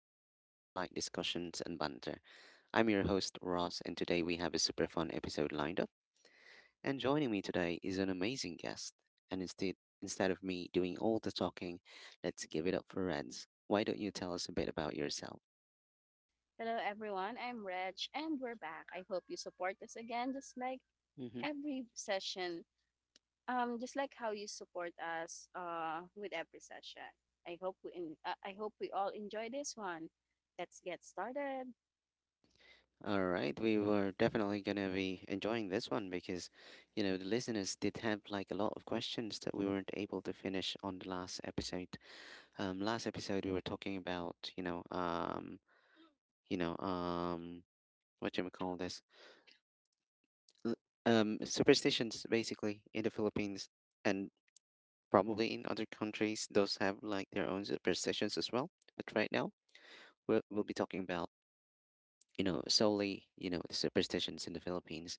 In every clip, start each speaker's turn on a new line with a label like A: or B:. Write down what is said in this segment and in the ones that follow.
A: your spot for light discussions and banter. I'm your host, Ross, and today we have a super fun episode lined up. And joining me today is an amazing guest. And instead, instead of me doing all the talking, let's give it up for Reds. Why don't you tell us a bit about yourself?
B: Hello, everyone. I'm Reg, and we're back. I hope you support us again, just like
A: Mm-hmm.
B: every session, just like how you support us with every session. I hope we all enjoy this one. Let's get started.
A: All right, we were definitely going to be enjoying this one because, you know, the listeners did have like a lot of questions that we weren't able to finish on the last episode. Last episode we were talking about you know um what you call this L- superstitions basically in the Philippines, and probably in other countries those have like their own superstitions as well. But right now we'll be talking about, you know, solely, you know, the superstitions in the Philippines.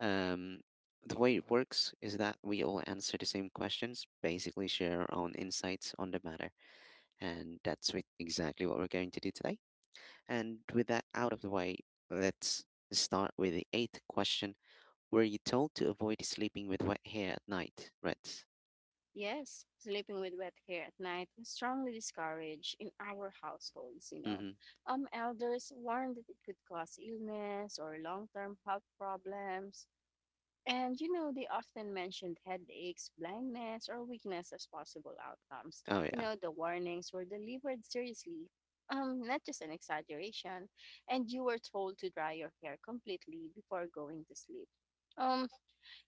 A: um the way it works is that we all answer the same questions, basically share our own insights on the matter, and that's exactly what we're going to do today. And with that out of the way, let's start with the eighth question. Were you told to avoid sleeping with wet hair at night, Reds?
B: Yes, sleeping with wet hair at night is strongly discouraged in our households. You know,
A: Mm-hmm.
B: elders warned that it could cause illness or long-term health problems. And you know, they often mentioned headaches, blindness, or weakness as possible outcomes.
A: Oh
B: You
A: yeah.
B: know, the warnings were delivered seriously, not just an exaggeration, and you were told to dry your hair completely before going to sleep. Um,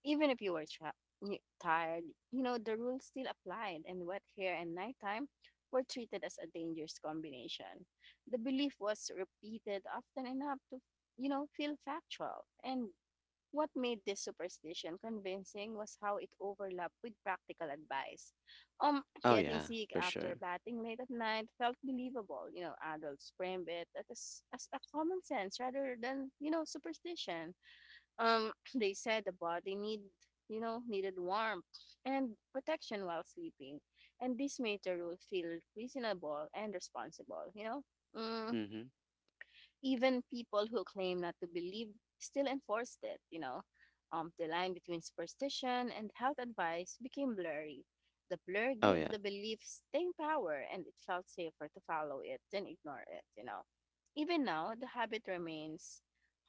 B: even if you were tired, you know, the rules still applied, and wet hair and nighttime were treated as a dangerous combination. The belief was repeated often enough to, you know, feel factual, and what made this superstition convincing was how it overlapped with practical advice. Um,
A: Oh
B: Getting
A: yeah,
B: sick
A: for
B: after
A: sure.
B: batting late at night felt believable. You know, adults framed it as a common sense rather than, you know, superstition. They said the body you know, needed warmth and protection while sleeping. And this made the rule feel reasonable and responsible, you know. Mm,
A: Mm-hmm.
B: Even people who claim not to believe still enforced it, you know. The line between superstition and health advice became blurry. The blur
A: Oh yeah.
B: gave the belief staying power, and it felt safer to follow it than ignore it, you know. Even now, the habit remains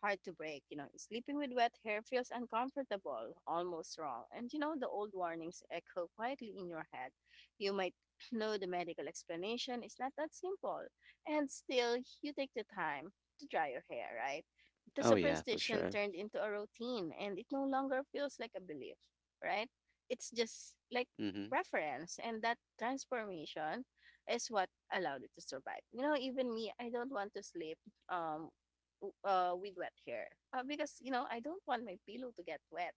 B: hard to break. You know, sleeping with wet hair feels uncomfortable, almost wrong. And you know, the old warnings echo quietly in your head. You might know the medical explanation is not that simple, and still, you take the time to dry your hair, right? The
A: Oh yeah, for
B: superstition
A: sure.
B: turned into a routine and it no longer feels like a belief, right? It's just like
A: Mm-hmm.
B: preference, and that transformation is what allowed it to survive. You know, even me, I don't want to sleep um with wet hair. Because you know, I don't want my pillow to get wet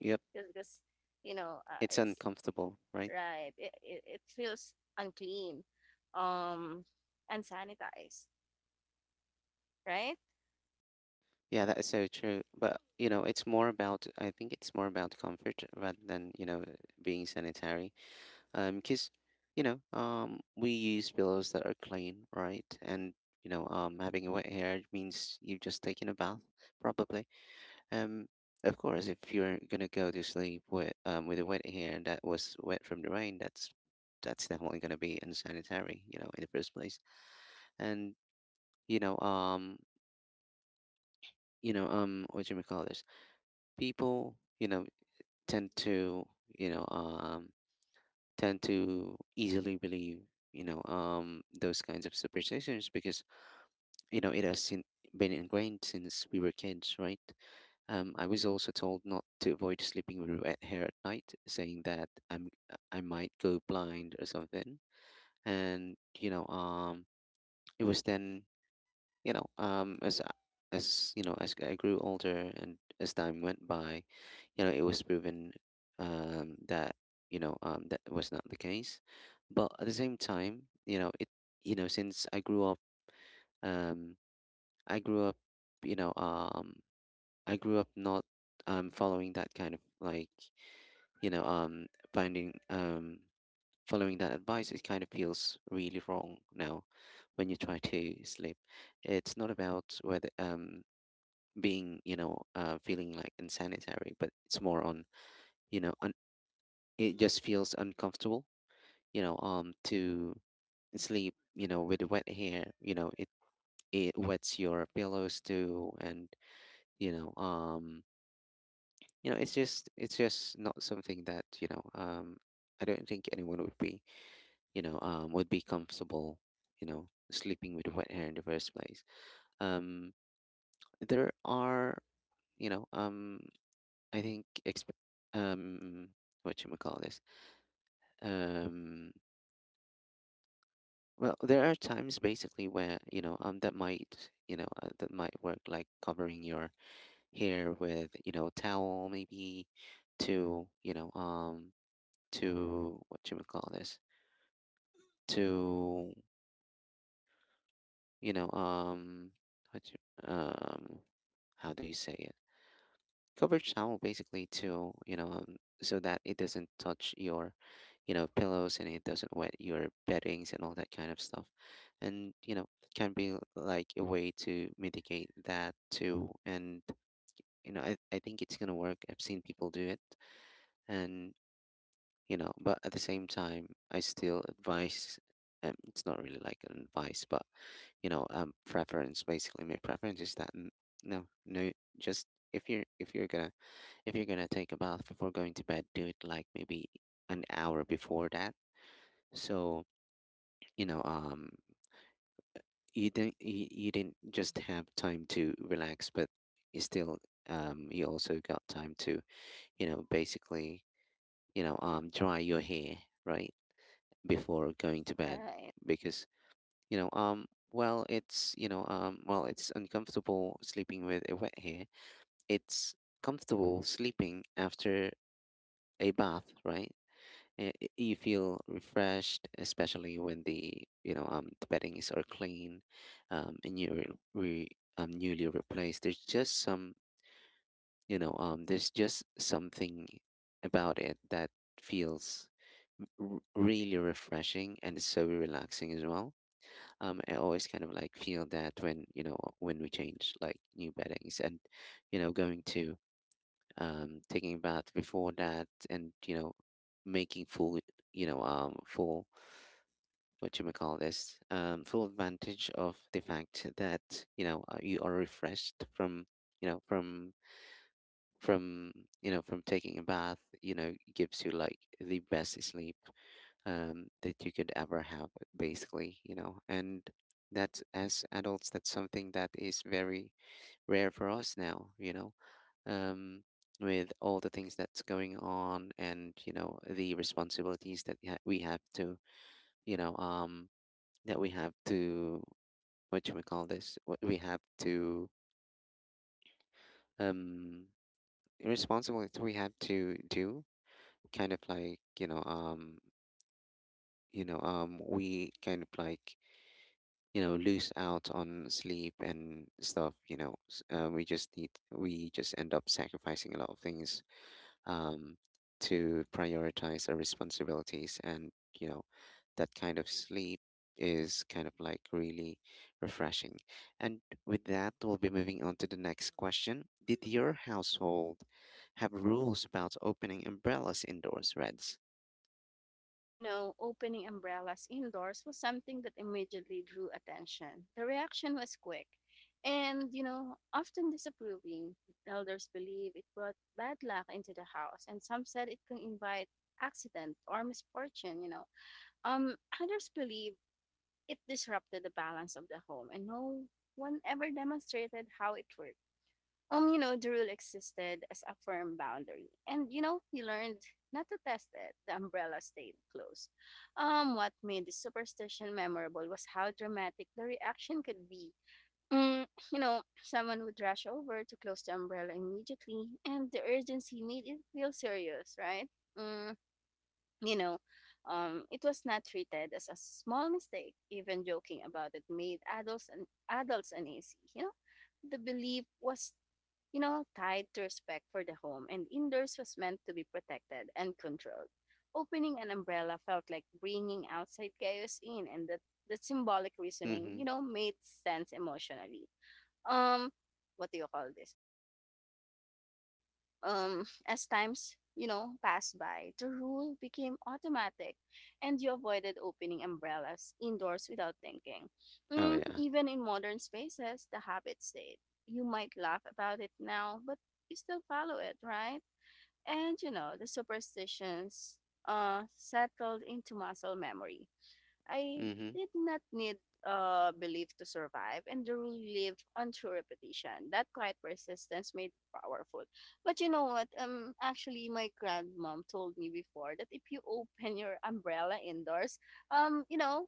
A: Yep.
B: because you know,
A: It's
B: it's
A: uncomfortable, right?
B: right. It feels unclean. Um Unsanitized, right?
A: Yeah, that is so true. But you know, it's more about, I think it's more about comfort rather than, you know, being sanitary. Cause You know, we use pillows that are clean, right? And you know, having a wet hair means you've just taken a bath, probably. Um, of course, if you're gonna go to sleep with a wet hair that was wet from the rain, that's definitely gonna be unsanitary, you know, in the first place. And you know, what do you call this? People, you know, tend to, you know, um. tend to easily believe, you know, those kinds of superstitions, because you know it has been ingrained since we were kids, right? I was also told not to avoid sleeping with wet hair at night, saying that I might go blind or something. And you know, it was then, you know, as you know, as I grew older and as time went by, you know, it was proven that, you know, that was not the case. But at the same time, you know, it, you know, since I grew up, um, I grew up, you know, um, I grew up not following that kind of like, you know finding following that advice. It kind of feels really wrong now when you try to sleep. It's not about whether being, you know, feeling like insanitary, but it's more on, you know un- it just feels uncomfortable, you know, to sleep, you know, with wet hair. You know, it wets your pillows too, and you know, you know, it's just not something that, you know, I don't think anyone would be, you know, would be comfortable, you know, sleeping with wet hair in the first place. um there are, you know, I think um what you call this, um well, there are times basically where, you know, that might, you know, that might work, like covering your hair with, you know, towel maybe, to, you know, to what you call this to you know what you, um how do you say it Covered towel, basically, to, you know, so that it doesn't touch your, you know, pillows, and it doesn't wet your beddings and all that kind of stuff. And, you know, can be like a way to mitigate that too. And, you know, I think it's gonna work. I've seen people do it. And, you know, but at the same time, I still advise, it's not really like an advice, but you know, preference, basically. My preference is that no no just, if you're gonna, if you're gonna take a bath before going to bed, do it like maybe an hour before that. So, you know, you didn't you, you didn't just have time to relax, but you still, you also got time to, you know, basically, you know, dry your hair, right, before going to bed
B: Right.
A: because, you know, well, it's uncomfortable sleeping with a wet hair. It's comfortable sleeping after a bath, right? You feel refreshed, especially when the, you know, the beddings are clean, and you're newly replaced. There's just some you know there's just something about it that feels really refreshing, and it's so relaxing as well. I always kind of like feel that when, you know, when we change like new beddings, and you know, going to, taking a bath before that, and you know, making full what you may call this full advantage of the fact that, you know, you are refreshed from, you know, from from taking a bath, you know, gives you like the best sleep that you could ever have basically, you know. And that's, as adults, that's something that is very rare for us now, you know, um, with all the things that's going on, and you know, the responsibilities that we have to, you know, that we have to, what do we call this what we have to um responsibilities we have to do, kind of like, you know, we kind of like, you know, lose out on sleep and stuff, you know, we just end up sacrificing a lot of things, um, to prioritize our responsibilities. And you know, that kind of sleep is kind of like really refreshing. And with that, we'll be moving on to the next question. Did your household have rules about opening umbrellas indoors, Reds?
B: You know, opening umbrellas indoors was something that immediately drew attention. The reaction was quick and, you know, often disapproving. Elders believe it brought bad luck into the house, and some said it can invite accident or misfortune, you know. Um, Others believe it disrupted the balance of the home, and no one ever demonstrated how it worked. You know, the rule existed as a firm boundary. And, you know, he learned not to test it. The umbrella stayed closed. What made the superstition memorable was how dramatic the reaction could be. Mm, you know, someone would rush over to close the umbrella immediately, and the urgency made it feel serious, right? Mm, you know, it was not treated as a small mistake. Even joking about it made adults uneasy. You know, the belief was, you know, tied to respect for the home, and indoors was meant to be protected and controlled. Opening an umbrella felt like bringing outside chaos in, and that symbolic reasoning, you
A: Mm-hmm.
B: know, made sense emotionally. Um, what do you call this? As times, you know, passed by, the rule became automatic, and you avoided opening umbrellas indoors without thinking.
A: Oh yeah.
B: Even in modern spaces, the habit stayed. You might laugh about it now, but you still follow it, right? And you know the superstitions settled into muscle memory I
A: Mm-hmm.
B: did not need belief to survive, and the rule lived on true repetition. That quiet persistence made it powerful. But you know what? Actually, my grandmom told me before that if you open your umbrella indoors, um, you know,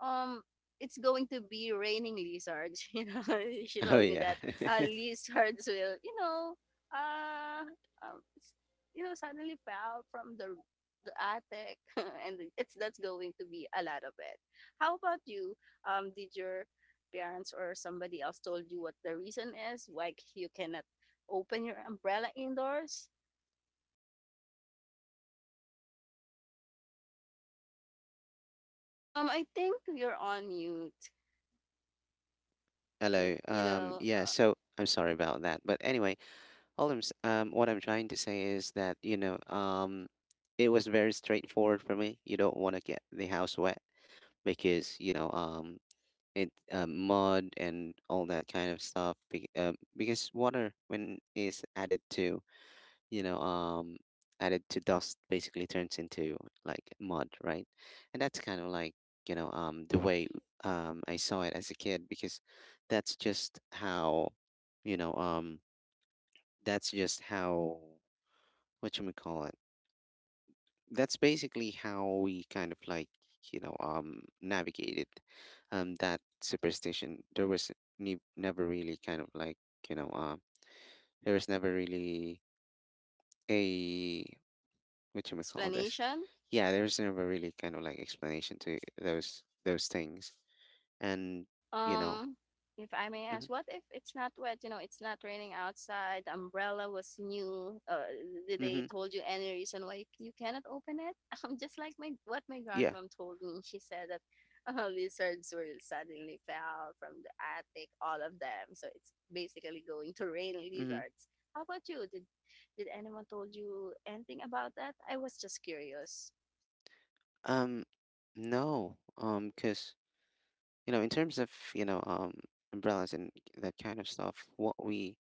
B: um it's going to be raining lizards you know she
A: Oh
B: told me
A: yeah.
B: that lizards will you know uh, um, s- you know suddenly fell from the attic and it's that's going to be a lot of it. How about you? Did your parents or somebody else told you what the reason is why you cannot open your umbrella indoors? I think you're on mute. Y-
A: Hello.
B: you know
A: Yeah,
B: uh,
A: so I'm sorry about that, but anyway, what I'm trying to say is that, you know, it was very straightforward for me. You don't want to get the house wet because, you know, it, mud and all that kind of stuff. Be Because water, when is added to, you know, added to dust, basically turns into like mud, right? And that's kind of like, you know, the way, I saw it as a kid because that's just how, you know, that's just how, what you call it, that's basically how we kind of like, you know, navigated that superstition. There was never really kind of like, you know, there was never really a, what you call this.
B: Explanation.
A: Yeah, there was never really kind of like explanation to those things, and you know,
B: Um, if I may
A: mm-hmm,
B: ask, what if it's not wet? You know, it's not raining outside. The umbrella was new. Did they
A: mm-hmm,
B: told you any reason why you cannot open it? Just like my what my
A: yeah,
B: grandmom told me. She said that lizards were suddenly fell from the attic, all of them. So it's basically going to rain
A: mm-hmm.
B: lizards. How about you? Did anyone told you anything about that? I was just curious.
A: um, no, because you know, in terms of, you know, umbrellas and that kind of stuff, what we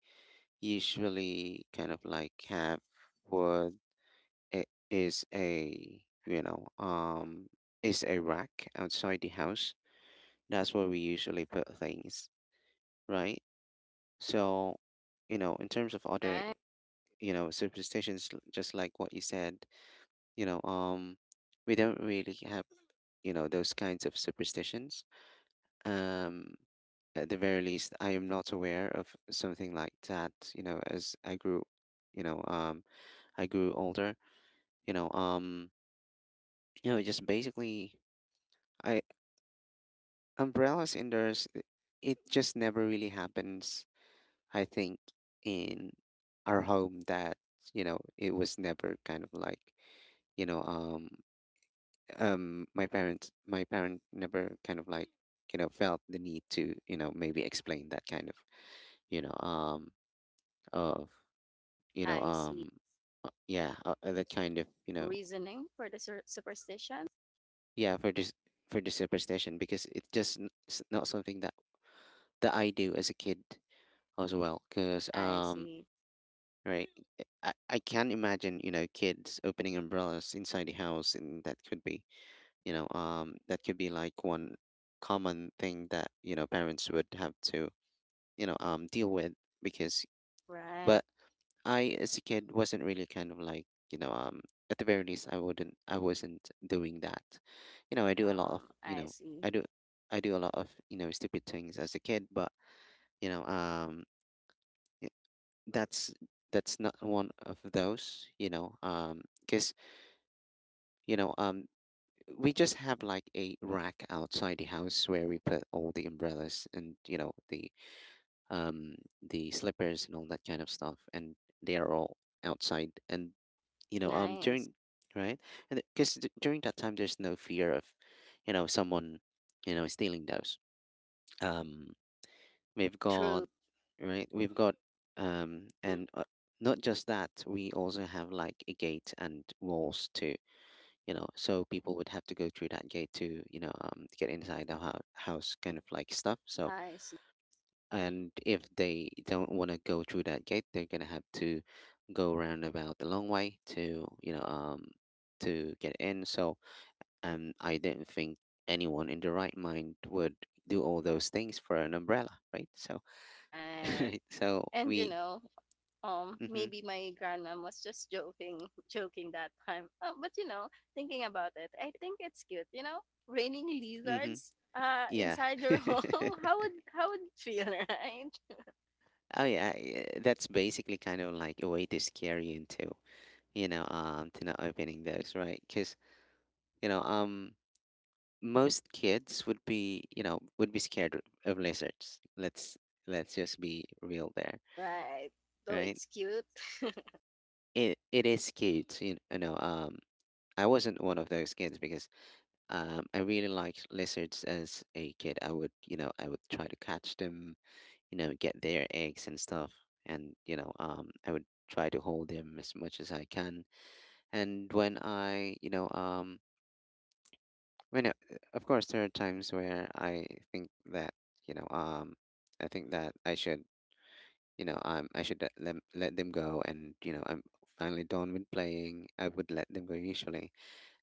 A: usually kind of like have, what i- is a, you know, is a rack outside the house. That's where we usually put things, right? So, you know, in terms of other,
B: Nice.
A: you know, superstitions, just like what you said, you know, we don't really have, you know, those kinds of superstitions. um at the very least, I am not aware of something like that, you know, as I grew, you know, I grew older, you know, you know, just basically, I umbrella cinders, it just never really happens, I think, in our home. That, you know, it was never kind of like, you know, my parent never kind of like, you know, felt the need to, you know, maybe explain that kind of, you know, of you know
B: I see
A: um yeah, that kind of, you know,
B: reasoning for the superstition.
A: yeah, for the superstition, because it's just not something that that I do as a kid as well. Because,
B: I see.
A: right, I can imagine, you know, kids opening umbrellas inside the house, and that could be, you know, that could be like one common thing that, you know, parents would have to, you know, deal with. Because,
B: Right.
A: but I, as a kid, wasn't really kind of like, you know, at the very least, I wasn't doing that. You know,
B: I see.
A: I do, I do a lot of, stupid things as a kid, but, you know, um, that's that's not one of those. Because you know um we just have like a rack outside the house where we put all the umbrellas, and the um slippers and all that kind of stuff, and they are all outside. And you know
B: Nice.
A: during Right. And because during that time, there's no fear of, someone, stealing those. um We've got
B: True.
A: Right. We've got and Not just that. We also have like a gate and walls too. You know, so people would have to go through that gate to, get inside the house, kind of like stuff. So,
B: I see.
A: and if they don't want to go through that gate, they're gonna have to go round about the long way to, to get in. So, I don't think anyone in the right mind would do all those things for an umbrella, right? So.
B: Right.
A: Right. So
B: And you
A: we.
B: know,
A: Mm-hmm.
B: maybe my grandma was just joking that time. But you know, thinking about it, I think it's cute. You know, raining
A: Mm-hmm.
B: lizards
A: Yeah.
B: inside your home. How would it feel, right?
A: Oh yeah. Yeah, that's basically kind of like a way to scare you into, to not opening those, right? Because you know, um, most kids would be, scared of lizards. Let's just be real there,
B: Right. Though
A: right?
B: it's cute.
A: It is cute, you know. I wasn't one of those kids because, I really liked lizards as a kid. I would try to catch them, you know, get their eggs and stuff. And, I would try to hold them as much as I can. And when I, of course, there are times where think that, you know, um, I think that I should let them go. And, you know, I'm finally done with playing. I would let them go usually.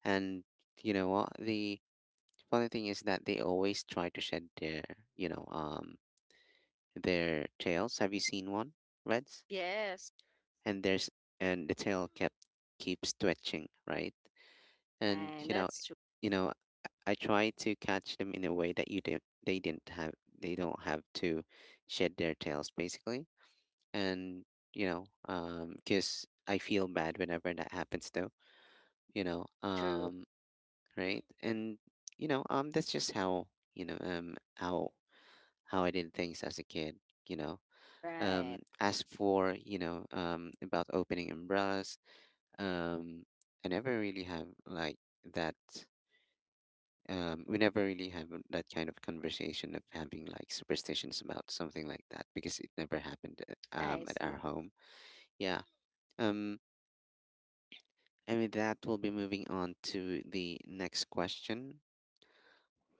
A: And you know what? The funny thing is that they always try to shed you know, um, their tails. Have you seen one, Reds?
B: Yes.
A: and there's and the tail kept keeps twitching, right? And
B: Right. That's true.
A: you know, I try to catch them in a way that you don't they don't have to shed their tails, basically. And, because I feel bad whenever that happens, though, you know,
B: True.
A: um, right? And, that's just how, you know, um, how how I did things as a kid, you know.
B: Right.
A: As for, about opening umbrellas, um I never really have like that we never really have that kind of conversation of having like superstitions about something like that, because it never happened,
B: I
A: at
B: see.
A: our home. yeah um I mean, that will be moving on to the next question.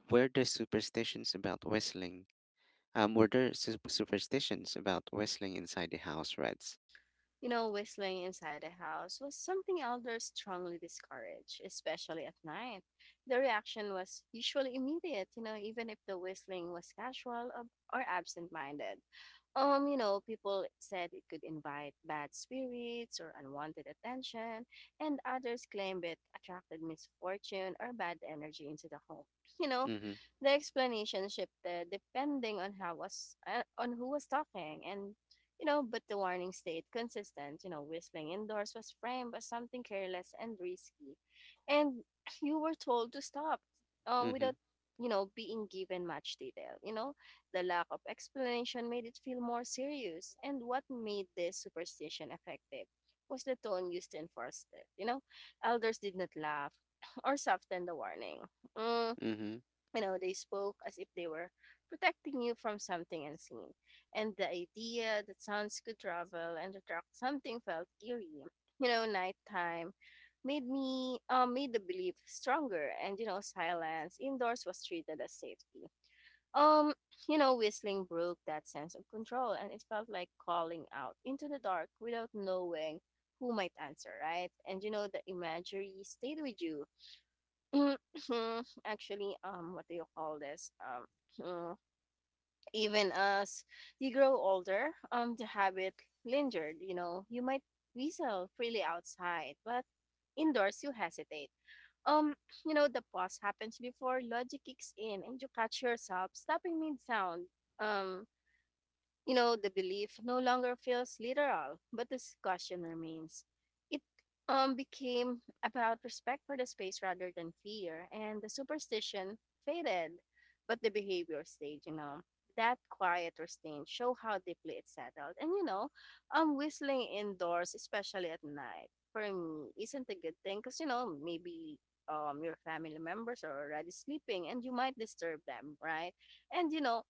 A: Where do superstitions about whistling were there superstitions about whistling inside the house, Reds?
B: You know, whistling inside the house was something elders strongly discouraged, especially at night. The reaction was usually immediate, you know, even if the whistling was casual or absent minded. You know, people said it could invite bad spirits or unwanted attention, and others claimed it attracted misfortune or bad energy into the home. You know,
A: Mm-hmm.
B: the explanation shifted depending on how was on who was talking, and you know, but the warning stayed consistent. You know, whistling indoors was framed as something careless and risky, and you were told to stop,
A: Mm-hmm.
B: without, you know, being given much detail. You know the lack of explanation made it feel more serious, and what made this superstition effective was the tone used to enforce it. You know, elders did not laugh or soften the warning. Mm,
A: Mm-hmm.
B: you know, they spoke as if they were protecting you from something unseen, and the idea that sounds could travel and attract something felt eerie. You know, nighttime made the belief stronger and you know silence indoors was treated as safety, um, you know, whistling broke that sense of control, and it felt like calling out into the dark without knowing who might answer, right? And you know, the imagery stayed with you. Actually, what do you call this? Mm, Even as you grow older, the habit lingered. You know, you might whistle freely outside, but indoors you hesitate. Um, you know, the pause happens before logic kicks in and you catch yourself stopping mid sound. Um, you know, the belief no longer feels literal, but the discussion remains. It became about respect for the space rather than fear, and the superstition faded, but the behavior stayed, you know. That quiet restraint show how deeply it settled. And you know, whistling indoors, especially at night, for me, isn't a good thing because you know maybe your family members are already sleeping and you might disturb them, right? And you know,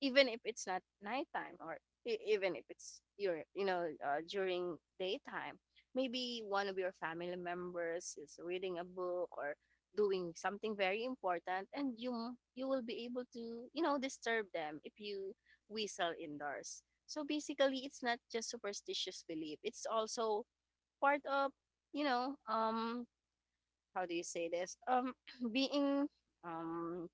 B: even if it's not nighttime or even if it's your you know during daytime maybe one of your family members is reading a book or doing something very important and you will be able to you know disturb them if you whistle indoors so basically it's not just superstitious belief it's also part of, you know, how do you say this being um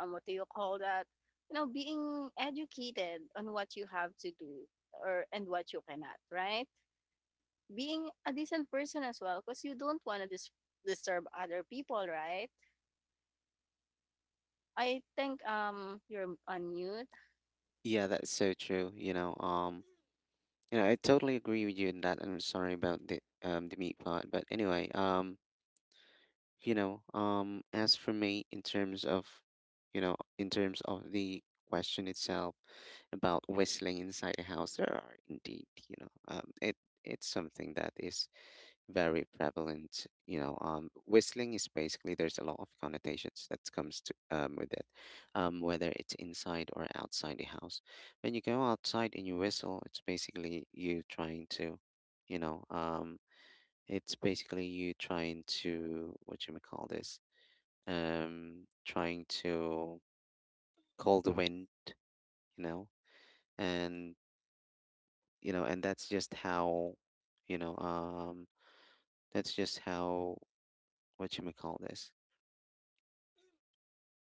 B: what do you call that? You know, being educated on what you have to do or and what you cannot, right? Being a decent person as well, because you don't want to disturb other people, right? I think you're on mute,
A: Yeah, that's so true. You know, I totally agree with you in that. And I'm sorry about the meat part, but anyway, as for me, in terms of, in terms of the question itself, about whistling inside a house, there are indeed, it's something that is very prevalent. Whistling is basically, there's a lot of connotations that comes to, with it, whether it's inside or outside the house. When you go outside and you whistle, it's basically you trying to, you know um what you may call this, trying to call the wind, you know. And, you know, and that's just how, you know, um, that's just how what you may call this.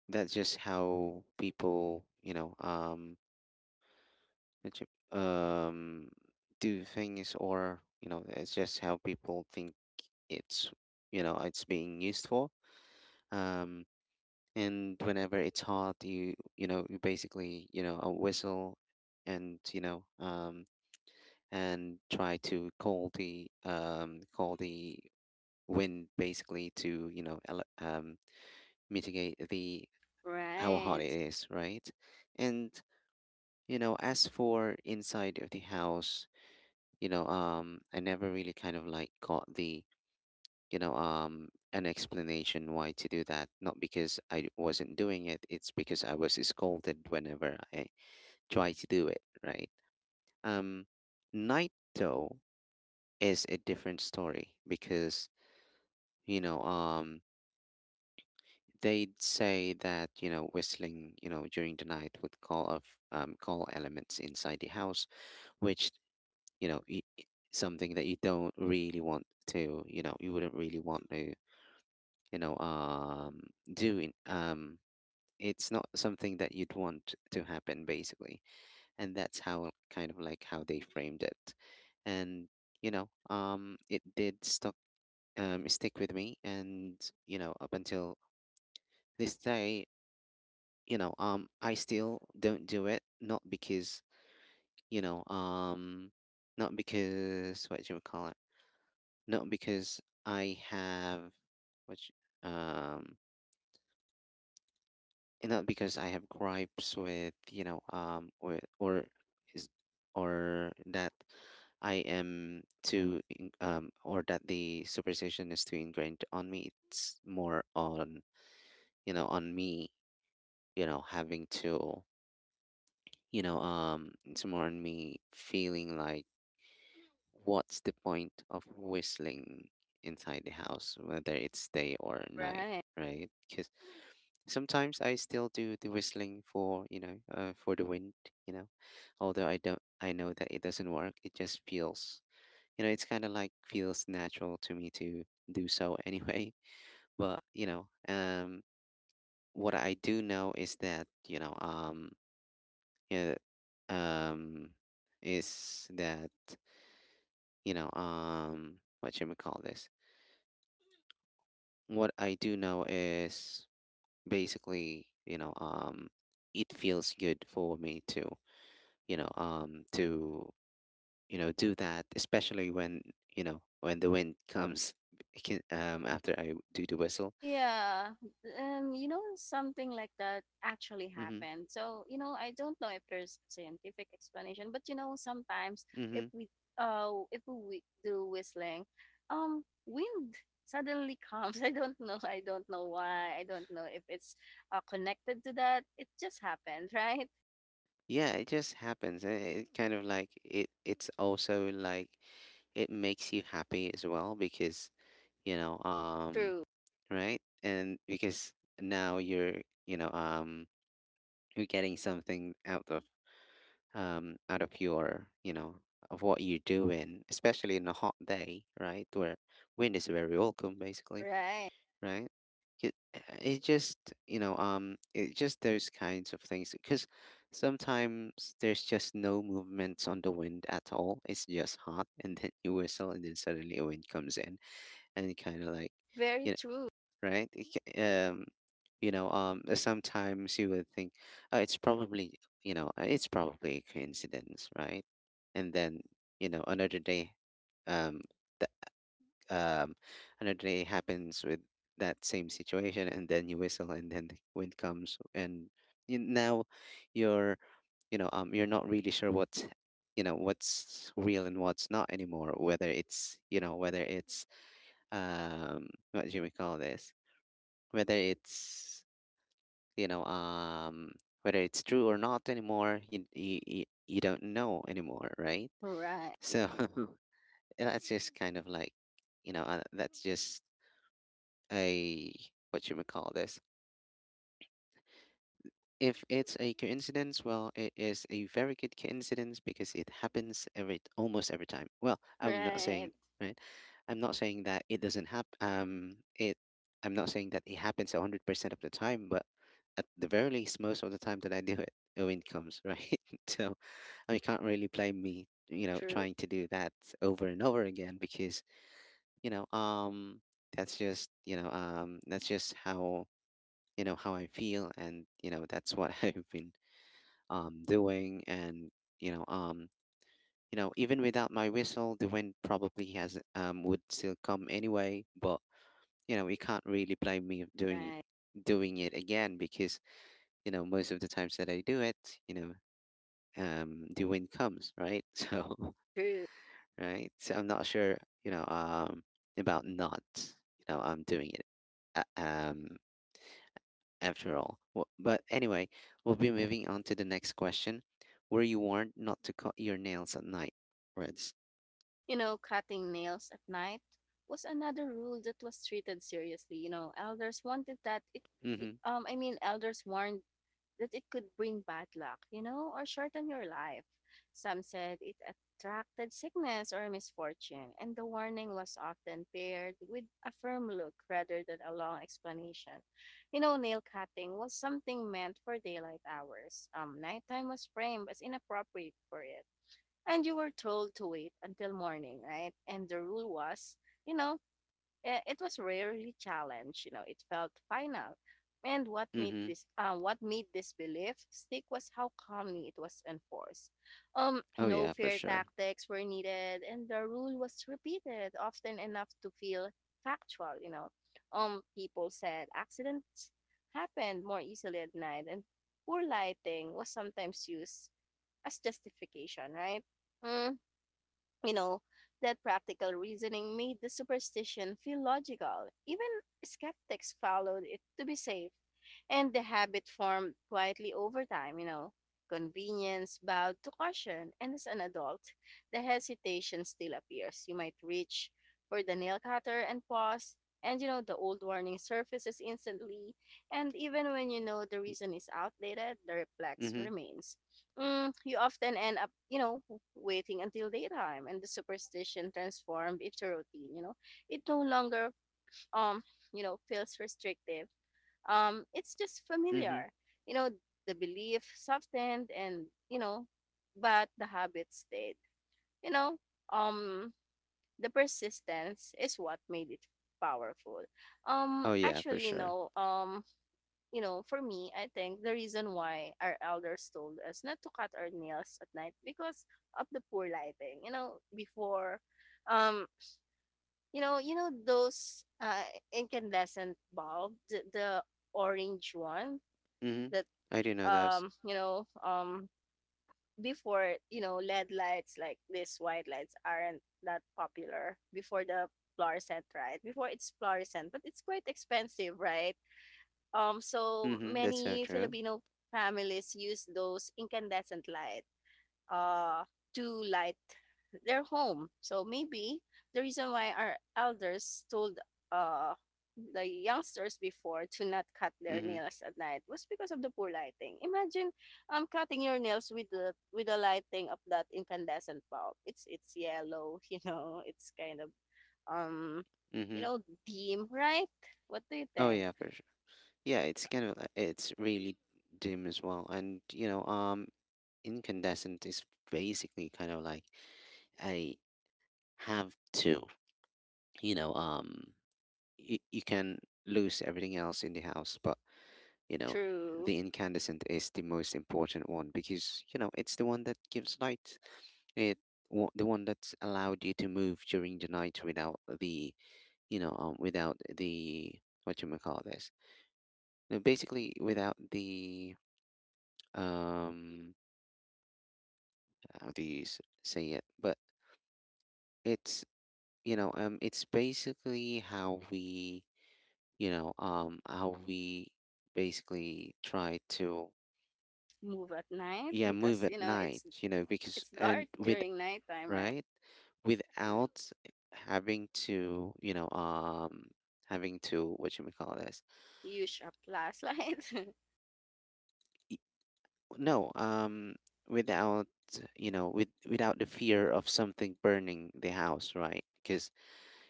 A: That's just how people, what you- um, do things, or, you know, it's just how people think it's, you know, it's being used for. Um, and whenever it's hot, you know, you basically, you know, a whistle, and, try to call the, wind, basically, to, mitigate the how hot
B: right?
A: it is, right? And, you know, as for inside of the house, I never really kind of like got the you know an explanation why to do that. Not because I wasn't doing it, it's because I was scolded whenever I try to do it, right? um Night though is a different story, because, you know, um, they'd say that, you know, whistling, you know, during the night would call elements inside the house, which, you know, something that you don't really want to, you wouldn't really want to, you know, um, do in, um, it's not something that you'd want to happen, basically. And that's how, kind of like how, they framed it. And, it did stuck stick with me. And, you know, up until this day, I still don't do it. You know um not because what do you call it not because I have which um and not because I have gripes with, is or that I am too in- or that the superstition is too ingrained on me. It's more on, on me, having to you know, it's more on me feeling like, what's the point of whistling inside the house, whether it's day or night,
B: Right.
A: right? Because sometimes I still do the whistling for, for the wind, you know. Although I know that it doesn't work. It just feels, it's kind of like feels natural to me to do so anyway. But, you know, what I do know is yeah um is that you know what should we call this what I do know is, basically, it feels good for me to, you know um to do that, especially when, when the wind comes. After I do the whistle.
B: Yeah, you know, something like that actually
A: Mm-hmm.
B: happened. So, you know, I don't know if there's a scientific explanation, but you know, sometimes if
A: Mm-hmm.
B: we if we do whistling, wind suddenly comes. I don't know. I don't know why. I don't know if it's connected to that. It just happened, right?
A: Yeah, it just happens, and it kind of like, it's also like, it makes you happy as well, because, you know um
B: True.
A: right. And because now you're, you know um you're getting something out of, out of your, of what you're doing, especially in a hot day, right, where wind is very welcome, basically,
B: Right.
A: right? It, it just, it just those kinds of things. Because sometimes there's just no movement on the wind at all, it's just hot, and then you whistle, and then suddenly a wind comes in, and it kind of like, you
B: Very
A: know
B: true.
A: right? Um, sometimes you would think, oh, it's probably a coincidence, right? And then, you know, another day, um, that um, another day happens with that same situation, and then you whistle, and then the wind comes, and now you're, you're not really sure what's real and what's not anymore. Whether what do we call this? Whether it's you know um whether it's true or not anymore, you don't know anymore, right?
B: Right.
A: So. That's just kind of like, that's just a, what you would call this if it's a coincidence, well, it is a very good coincidence, because it happens every almost every time. Well, I'm not saying,
B: Right.
A: right. I'm not saying that it doesn't happen. It. I'm not saying that it happens 100% of the time, but at the very least, most of the time that I do it, the wind comes, right. So, I can't really blame me, you know,
B: True.
A: trying to do that over and over again, because, you know, um, that's just how, how I feel. And, you know, that's what I've been, doing. And, you know, um, you know, even without my whistle, the wind probably has would still come anyway. But, you know, you can't really blame me of doing,
B: Right.
A: it again, because, you know, most of the times that I do it, the wind comes, right?
B: True.
A: So, right, so I'm not sure, you know, um, about not, you know, I'm doing it, uh, um, after all. Well, but anyway, we'll be moving on to the next question. Were you warned not to cut your nails at night, Reds?
B: You know, cutting nails at night was another rule that was treated seriously. You know, elders wanted that
A: Mm-hmm.
B: I mean, elders warned that it could bring bad luck, you know, or shorten your life. Some said it attracted sickness or misfortune, and the warning was often paired with a firm look rather than a long explanation. You know, nail cutting was something meant for daylight hours. Nighttime was framed as inappropriate for it and you were told to wait until morning, right? And the rule was, you know, it was rarely challenged. You know, it felt final. And what made
A: Mm-hmm.
B: this, belief stick was how calmly it was enforced.
A: Oh
B: No
A: yeah, for
B: fear
A: sure.
B: tactics were needed, and the rule was repeated often enough to feel factual. You know, people said accidents happened more easily at night, and poor lighting was sometimes used as justification, right? Mm, you know, that practical reasoning made the superstition feel logical. Even skeptics followed it to be safe, and the habit formed quietly over time, Convenience bowed to caution, and as an adult, the hesitation still appears. You might reach for the nail cutter and pause, and the old warning surfaces instantly, and even when you know the reason is outdated, the reflex
A: Mm-hmm.
B: remains. You often end up, waiting until daytime, and the superstition transformed into routine. You know, it no longer, um, feels restrictive. It's just
A: Mm-hmm.
B: familiar. You know, the belief softened, and but the habit stayed. You know, um, the persistence is what made it powerful.
A: Oh yeah, for
B: Actually,
A: sure.
B: for me, I think the reason why our elders told us not to cut our nails at night because of the poor lighting. You know, before, um, you know those incandescent bulb, the orange one
A: Mm-hmm.
B: that
A: I do know those.
B: um, you know, um, before you know LED lights like these white lights aren't that popular before the fluorescent, right? Before it's fluorescent, but it's quite expensive, right? So
A: Mm-hmm. That's so
B: many
A: true.
B: Filipino families use those incandescent light uh, to light their home. So maybe the reason why our elders told uh, the youngsters before to not cut their
A: Mm-hmm.
B: nails at night was because of the poor lighting. Imagine cutting your nails with the lighting of that incandescent bulb. It's yellow, you know. It's kind of um you
A: Mm-hmm.
B: know dim, right? What do you
A: Oh
B: think?
A: yeah, for sure. Yeah, it's it's really dim as well, and, you know, incandescent is basically kind of like I have to, you know, um. You can lose everything else in the house, but you know,
B: True.
A: the incandescent is the most important one because it's the one that gives light. It the one that's allowed you to move during the night without the you know um without the what you may call this. No, basically without the um how do you say it? But it's it's basically how we basically try to.
B: Move at night
A: Yeah,
B: because
A: move
B: you
A: at
B: know
A: night, because,
B: it's dark
A: and with,
B: during nighttime, right?
A: right, without having to, what should we call this?
B: Use a flashlight.
A: Y- no, without without the fear of something burning the house, right? Because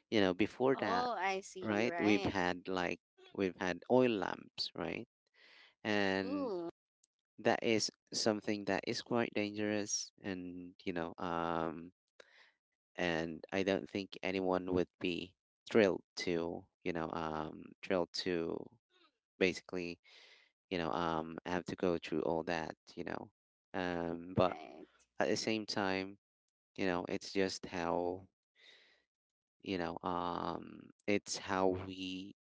A: before that,
B: Oh, I see.
A: right, we've
B: Right.
A: had like we've had oil lamps, right? And
B: True.
A: that is something that is quite dangerous, and I don't think anyone would be thrilled to basically, have to go through all that. But
B: Right.
A: at the same time, it's just how, you know, it's how we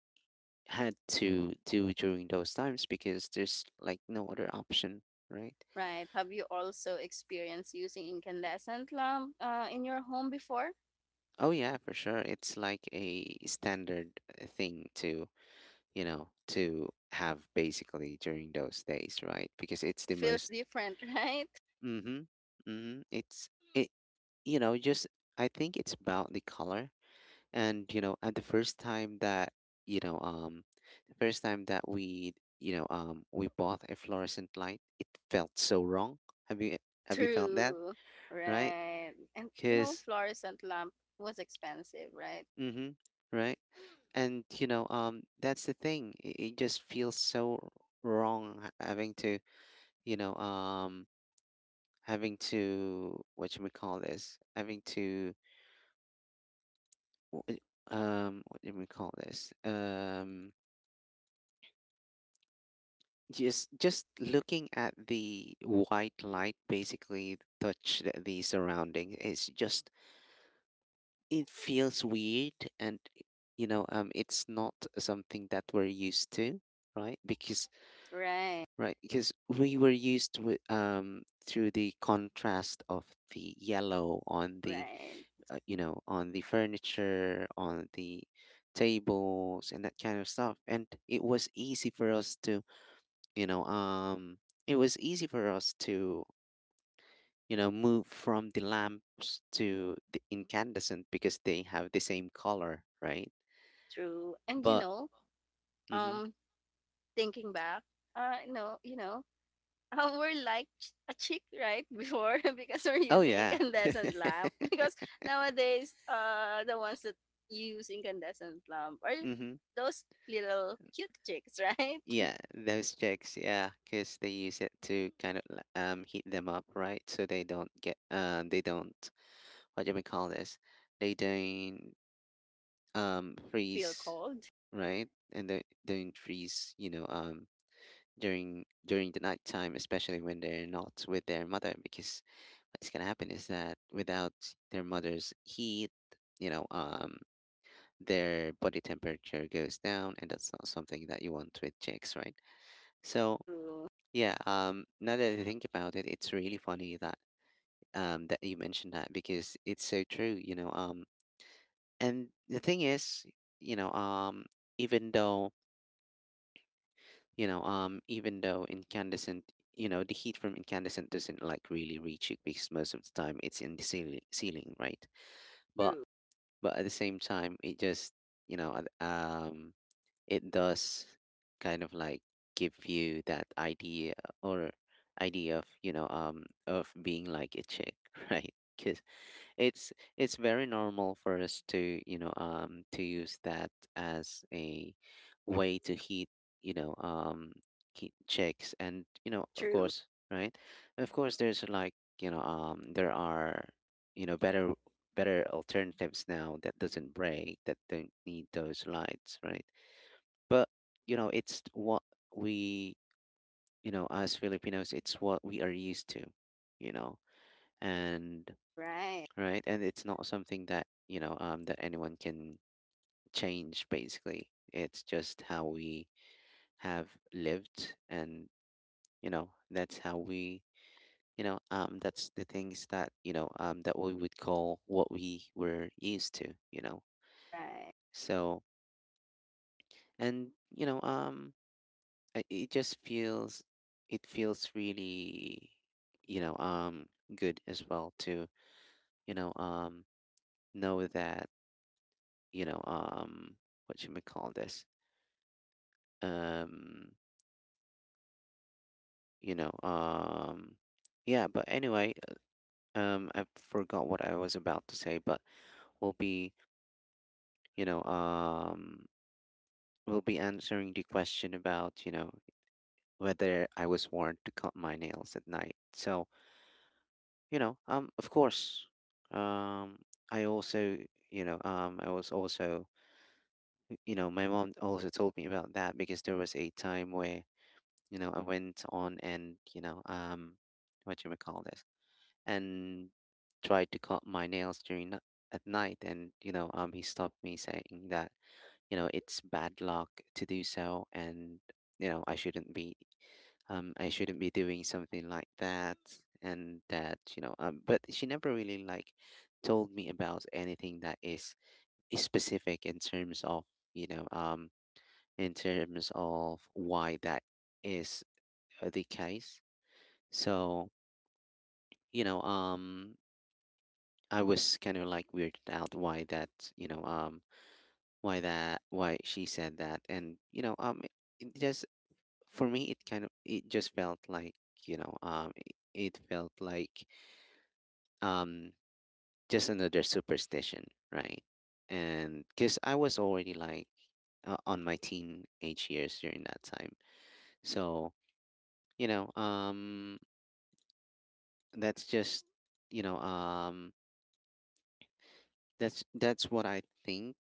A: had to do during those times, because there's like no other option, right?
B: Right. Have you also experienced using incandescent lamp in your home before?
A: Oh yeah, for sure. It's like a standard thing to have basically during those days, right? Because it's
B: It
A: the
B: feels
A: most,
B: different, right?
A: mm-hmm, mm-hmm, it's, it, you know, just, I think it's about the color. And, at the first time that, you know, um, the first time that we, we bought a fluorescent light, it felt so wrong. Have you, have you felt that,
B: True.
A: right?
B: Right. And you know,
A: Because,
B: fluorescent lamp was expensive, right?
A: mm-hmm, right? And, that's the thing. It just feels so wrong you know, um, having to what should we call this? Having to w- eh, What do we call this? Just looking at the white light basically touch the surrounding. It's just, it feels weird, and it's not something that we're used to, right? Because
B: Right.
A: we were used with through the contrast of the yellow on the,
B: Right.
A: on the furniture, on the tables, and that kind of stuff. And it was easy for us to, you know, um, it was easy for us to, you know, move from the lamps to the incandescent because they have the same color, right?
B: True. And you
A: But,
B: know,
A: mm-hmm.
B: um, thinking back, no, you know, we're like a chick right before because we're
A: Oh
B: using
A: yeah.
B: incandescent lamp because nowadays the ones that use incandescent lamp are
A: Mm-hmm.
B: those little cute chicks, right?
A: Yeah, those chicks, yeah, because they use it to kind of heat them up, right? So they don't get, they don't, what do we call this? They don't.
B: Feel
A: Freeze,
B: cold.
A: right? And they don't freeze, during the nighttime, especially when they're not with their mother. Because what's gonna happen is that without their mother's heat, you know um their body temperature goes down, and that's not something that you want with chicks, right? So
B: True.
A: yeah, now that I think about it, it's really funny that, you mentioned that, because it's so true. And the thing is, you know um even though, incandescent, the heat from incandescent doesn't like really reach it, because most of the time it's in the ceiling, right. But
B: True.
A: at the same time, it just, you know uh, um it does kind of like give you that or idea of, of being like a chick, right? Because it's it's very normal for us to, to use that as a way to heat, you know um heat chicks. And of
B: True.
A: course, right, of course, there's like, there are, you know better better alternatives now that doesn't break that don't need those lights, right? But it's what we, as Filipinos, it's what we are used to, you know, and
B: Right.
A: right, and it's not something that anyone can change. Basically, it's just how we have lived, and that's how we, that's the things that that we would call what we were used to.
B: Right.
A: So, and it just feels, it feels really, you know um good as well to, you know um know that, you know um what should we call this? um you know um yeah, but anyway, I forgot what I was about to say, but we'll be you know um we'll be answering the question about whether I was warned to cut my nails at night. So of course, um I also, I was also, my mom also told me about that, because there was a time where I went on and, what you may call this, and tried to cut my nails at night. And he stopped me, saying that it's bad luck to do so, and I shouldn't be, doing something like that. And that, but she never really like told me about anything that is specific in terms of, you know um why that is, the case. So you know um I was kind of like weirded out why that, you know um why she said that. And just, for me it kind of, it just felt like, it felt like, um just another superstition, right? And because I was already like, on my teenage years during that time. So you know um that's just, you know um that's what I think,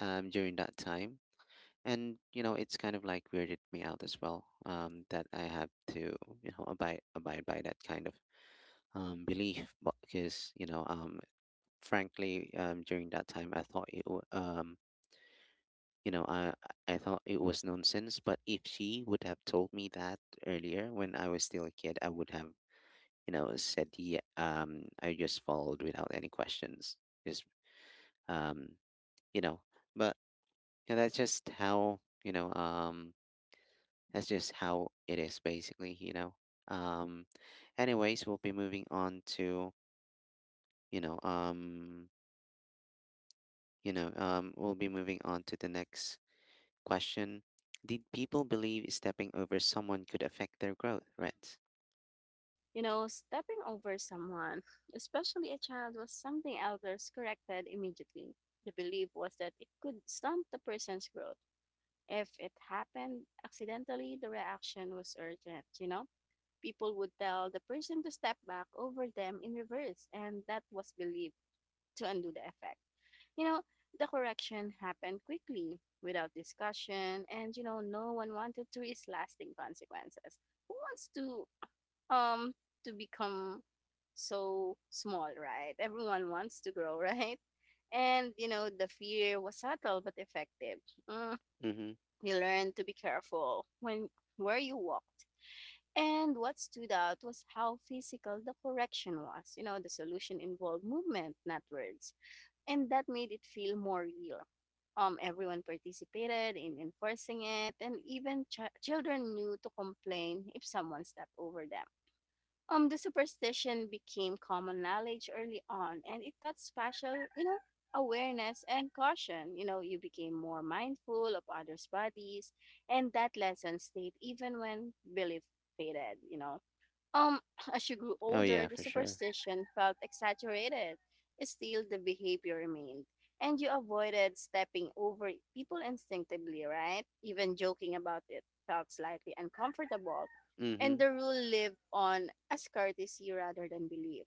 A: during that time. And it's kind of like weirded me out as well, that I have to, abide by that kind of, belief. But because, frankly, during that time I thought it, you know I I thought it was nonsense. But if she would have told me that earlier when I was still a kid, I would have, said yeah, I just followed without any questions, just, um, you know but yeah, that's just how, it is basically, um anyways. We'll be moving on to, you know um we'll be moving on to the next question. Did people believe stepping over someone could affect their growth? Right.
B: You know, stepping over someone, especially a child, was something elders corrected immediately. The belief was that it could stunt the person's growth. If it happened accidentally, the reaction was urgent, you know? People would tell the person to step back over them in reverse, and that was believed to undo the effect. You know, the correction happened quickly, without discussion, and you know, no one wanted to risk lasting consequences. Who wants um to become so small, right? Everyone wants to grow, right? And you know, the fear was subtle but effective. Mm,
A: Mm-hmm.
B: we learned to be careful when where you walked. And what stood out was how physical the correction was. You know, the solution involved movement, not words. And that made it feel more real. Everyone participated in enforcing it, and even children knew to complain if someone stepped over them. The superstition became common knowledge early on, and it taught special, you know, awareness and caution. You know, you became more mindful of others' bodies, and that lesson stayed even when belief faded. You know, um, as she grew
A: Oh,
B: older,
A: yeah,
B: the
A: for sure.
B: superstition felt exaggerated. Still, the behavior remained, and you avoided stepping over people instinctively, right? Even joking about it felt slightly uncomfortable, and
A: Mm-hmm.
B: the rule lived on as courtesy rather than belief.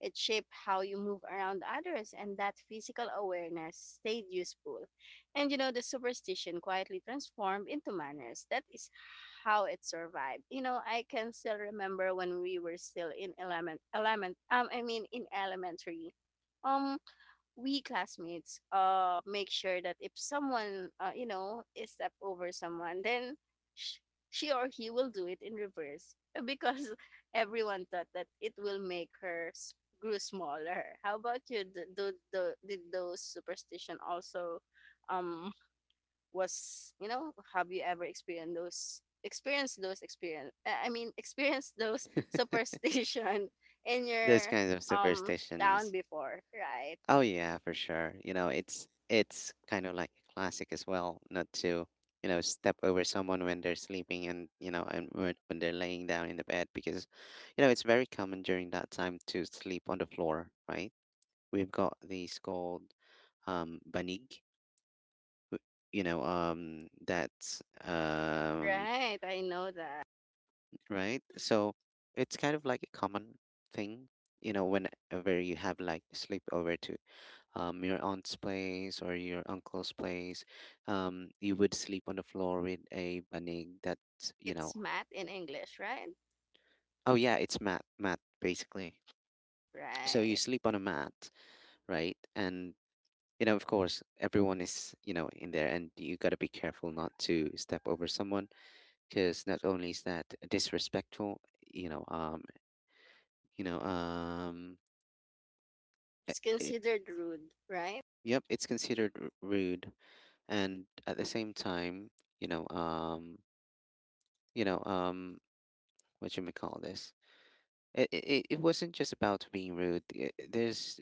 B: It shaped how you move around others, and that physical awareness stayed useful, and you know, the superstition quietly transformed into manners. That is how it survived. You know, I can still remember when we were still in I mean, in elementary. Um, we classmates make sure that if someone you know is step over someone, then sh- she or he will do it in reverse because everyone thought that it will make grew smaller. How about you? Did those superstition also? Um was you know Have you ever experienced those experience I mean experienced those superstition in
A: Those
B: your
A: kinds of
B: um town
A: superstitions.
B: before, right?
A: Oh, yeah, for sure. It's kind of like a classic as well, not to, step over someone when they're sleeping, and, when they're laying down in the bed, because, it's very common during that time to sleep on the floor, right? We've got these called, banig. Who- you know that's
B: Right, I know that.
A: Right. So it's kind of like a common thing, whenever you have like sleepover to, your aunt's place or your uncle's place. You would sleep on the floor with a banig, that's,
B: It's mad in English, right?
A: oh yeah, it's mat, basically. So you
B: Right.
A: sleep on a mat, right. And of course everyone is, in there, and you got to be careful not to step over someone, because not only is that disrespectful, you know, um, you know, um,
B: It's
A: it,
B: considered rude, right?
A: yep, it's considered rude, and at the same time, you know, um, you know, um, what you may call this, it wasn't just about being rude. There's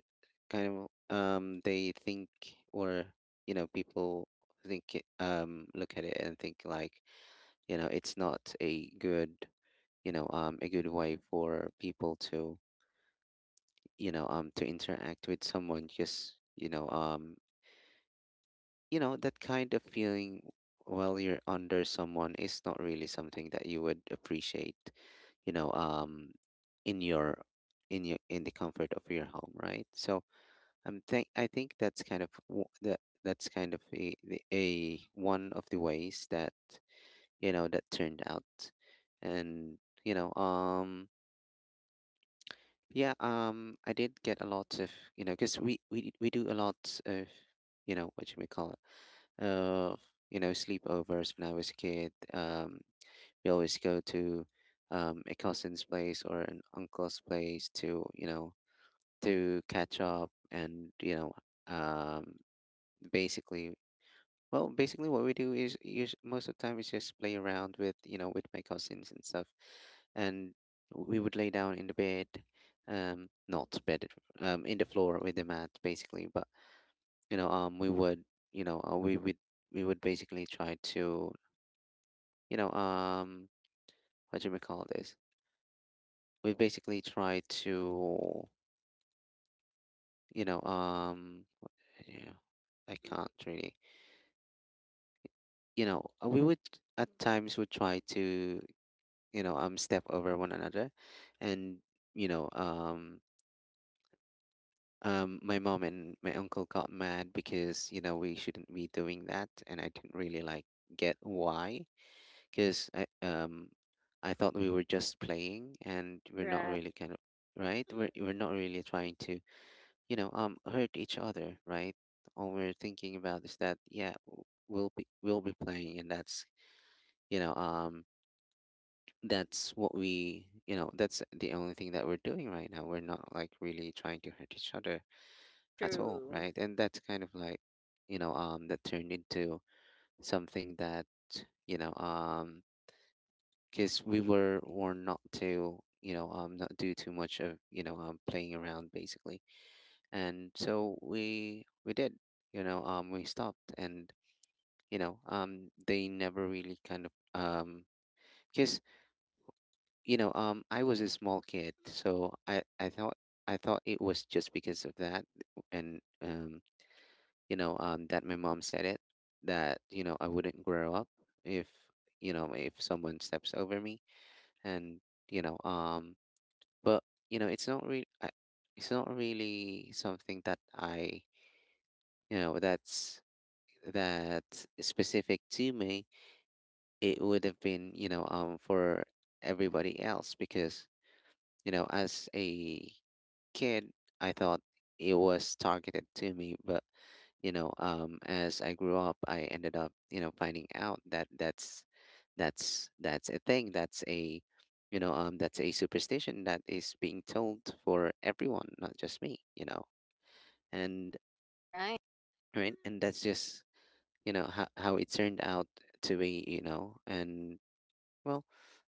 A: kind of, they think, or people think, look at it and think like, it's not a good, way for people to, to interact with someone, because that kind of feeling while you're under someone is not really something that you would appreciate, you know um in your, in the comfort of your home, right? So I think that's kind of, that's kind of, a one of the ways that that turned out. And you know um yeah, I did get a lot of, because we, do a lot of, what should we call it? Uh, sleepovers when I was a kid. We always go to, a cousin's place or an uncle's place to, to catch up and, um, basically, basically what we do is, us most of the time is just play around with, with my cousins and stuff, and we would lay down in the bed, not bed, in the floor with the mat basically. But we would you know uh, we would we would basically try to you know um what do we call this? We basically try to you know um yeah, I can't really we would at times would try to step over one another. And you know um my mom and my uncle got mad because we shouldn't be doing that, and I didn't really like get why, because I I thought we were just playing and we're not
B: Right.
A: really kind of right. We're not really trying to hurt each other, right? All we're thinking about is that yeah, we'll be playing and you know um that's what we that's the only thing that we're doing right now. We're not like really trying to hurt each other at all,
B: True.
A: right? And that's kind of like that turned into something that you know um because we were warned not to not do too much of playing around basically. And so we did we stopped. And they never really kind of because I was a small kid, so I thought, I thought it was just because of that. And That my mom said it, that you know I wouldn't grow up if if someone steps over me. And you know, um, but it's not really, it's not really something that I that's that specific to me. It would have been for everybody else, because as a kid, I thought it was targeted to me. But as I grew up, I ended up, you know, finding out that that's that's a thing. That's a that's a superstition that is being told for everyone, not just me. You know, and
B: Right.
A: Right, and that's just how it turned out to be. Well,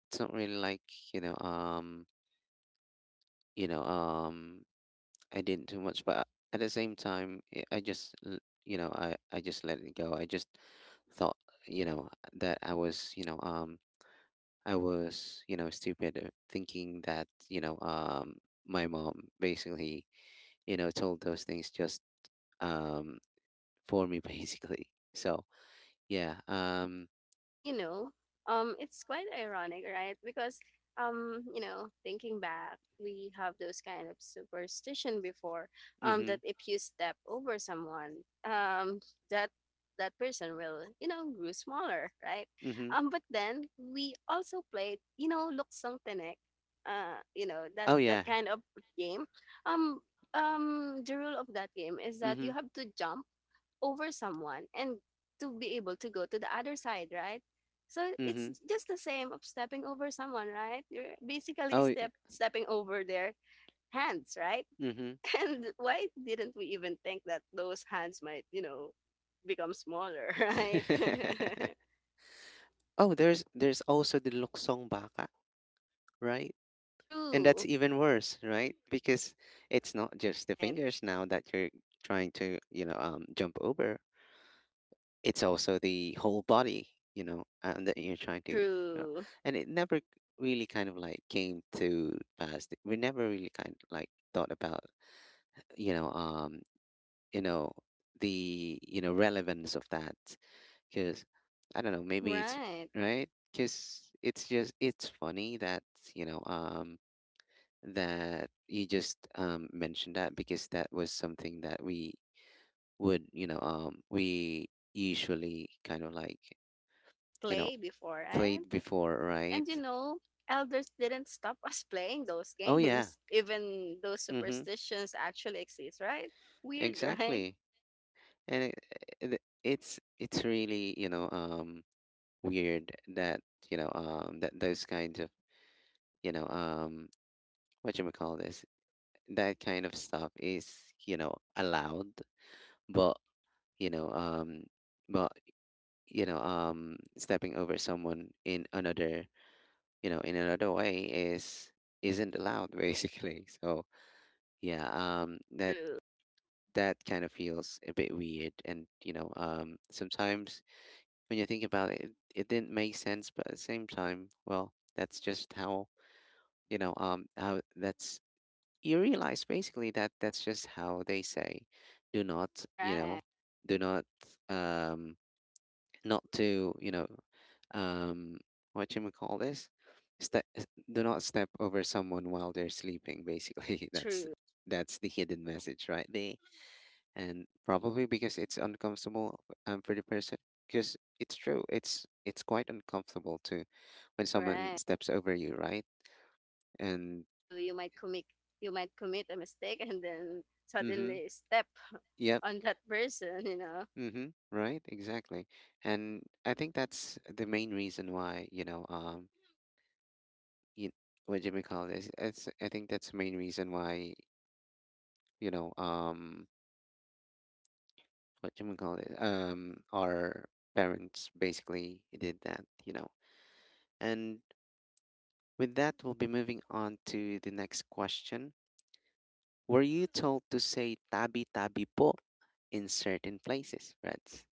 A: it's not really like you know, um, you know, um, I didn't too much, but at the same time, I just, I just let it go. I just thought, you know, that I was, I was, you know, stupid, thinking that, my mom basically, told those things just, um, for me basically. So yeah,
B: You know, it's quite ironic, right? Because, you know, thinking back, we have those kind of superstition before,
A: mhm,
B: that if you step over someone, that that person will, you know, grow smaller, right?
A: mhm.
B: But then we also played, you know, luksong tenek, you know, that
A: Oh
B: that
A: yeah,
B: kind of game. Um, the rule of that game is that
A: mhm,
B: you have to jump over someone and to be able to go to the other side, right? So it's
A: mhm.
B: just the same of stepping over someone, right? You're basically
A: Oh y-
B: stepping over their hands, right?
A: Mm-hmm.
B: And why didn't we even think that those hands might, you know, become smaller, right?
A: Oh, there's also the Luksong Baka, right? And
B: True.
A: that's even worse, right? Because it's not just the
B: Right.
A: fingers now that you're trying to, jump over. It's also the whole body, you know, and that you're trying to, you know.
B: True.
A: And it never really kind of like came to pass. We never really kind of like thought about, you know, um, you know, the, relevance of that. Because I don't know, maybe it's
B: Right.
A: right. Because it's just, it's funny that you know, um, that you just mentioned that, because that was something that we would, we usually kind of like, you know,
B: Play before, right?
A: played before,
B: And you
A: right?
B: know, elders didn't stop us playing those
A: Oh, yeah.
B: games. Even those
A: Mm-hmm.
B: superstitions actually exist, right? Weird, right?
A: Exactly. And it's really, weird that, that those kinds of, you know, um, what you call this? That kind of stuff is allowed, but you know um but stepping over someone in another, in another way is isn't allowed basically. So yeah, that
B: True.
A: that kind of feels a bit weird. And sometimes when you think about it, it didn't make sense. But at the same time, well, that's just how how that's you realize basically that that's just how they say, do not,
B: Right.
A: do not um not to, um what you may call this, step, do not step over someone while they're sleeping basically. that's
B: True.
A: that's the hidden message right there. And probably because it's uncomfortable, for the person, because it's true, it's quite uncomfortable to when someone
B: Right.
A: steps over you, right? And
B: True. You might commit a mistake and then
A: mhm,
B: suddenly step
A: yep.
B: on that person, you know.
A: Mm-hmm. Right, exactly. And I think that's the main reason why, you, what do we call this? It's, I think that's the main reason why, you know, um, what do we call it? Our parents basically did that, you know. And with that, we'll be moving on to the next question. Were you told to say tabi tabi po in certain places, right?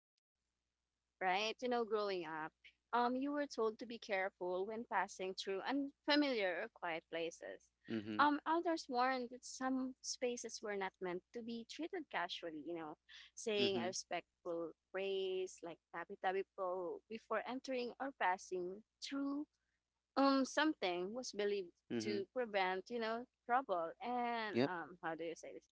B: Right? You know, growing up, you were told to be careful when passing through unfamiliar or quiet places.
A: Mm-hmm.
B: Elders warned that some spaces were not meant to be treated casually, you know, saying a
A: Mm-hmm.
B: respectful phrase like tabi tabi po before entering or passing through something was believed
A: Mm-hmm.
B: to prevent, you know, trouble and
A: Yep.
B: how do you say this?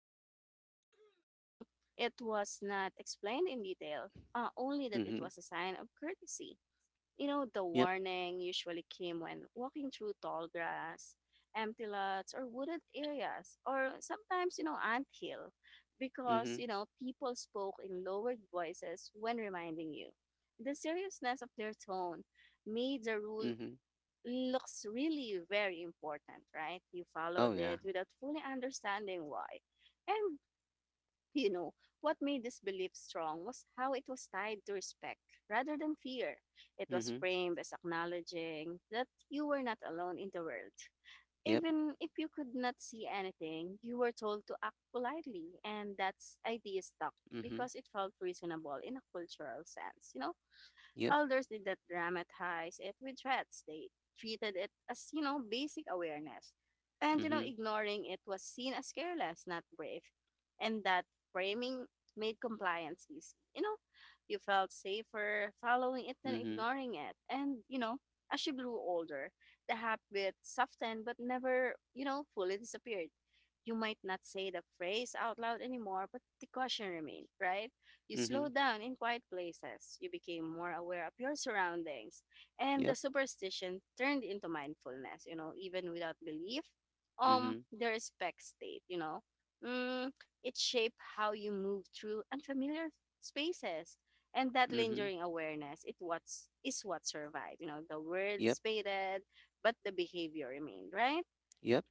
B: Mm, it was not explained in detail, only that it
A: Mm-hmm.
B: was a sign of courtesy. You know, the
A: Yep.
B: warning usually came when walking through tall grass, empty lots, or wooded areas, or sometimes, you know, anthill, because,
A: Mm-hmm.
B: you know, people spoke in lowered voices when reminding you. The seriousness of their tone made the rule
A: Mhm.
B: looks really very important, right? You
A: Oh,
B: followed
A: yeah.
B: it without fully understanding why. And you know, what made this belief strong was how it was tied to respect rather than fear. It was
A: Mhm.
B: framed as acknowledging that you were not alone in the world.
A: Yep.
B: Even if you could not see anything, you were told to act politely, and that idea stuck
A: Mhm.
B: because it felt reasonable in a cultural sense. You know,
A: Yep.
B: elders did not dramatize it with threats. They treated it as, you know, basic awareness. And, you know,
A: Mhm.
B: ignoring it was seen as careless, not brave. And that framing made compliance easy. You know, you felt safer following it than
A: Mhm.
B: ignoring it. And, you know, as you grew older, the habit softened but never, you know, fully disappeared. You might not say the phrase out loud anymore, but the caution remained, right? You slow
A: Mhm.
B: down in quiet places. You became more aware of your surroundings. And the
A: Yep.
B: superstition turned into mindfulness, you know, even without belief.
A: Mhm.
B: The respect state, you know. Mm, it shaped how you move through unfamiliar spaces. And that
A: Mhm.
B: lingering awareness, it what's is what survived. You know, the words
A: Yep.
B: faded, but the behavior remained, right?
A: Yep.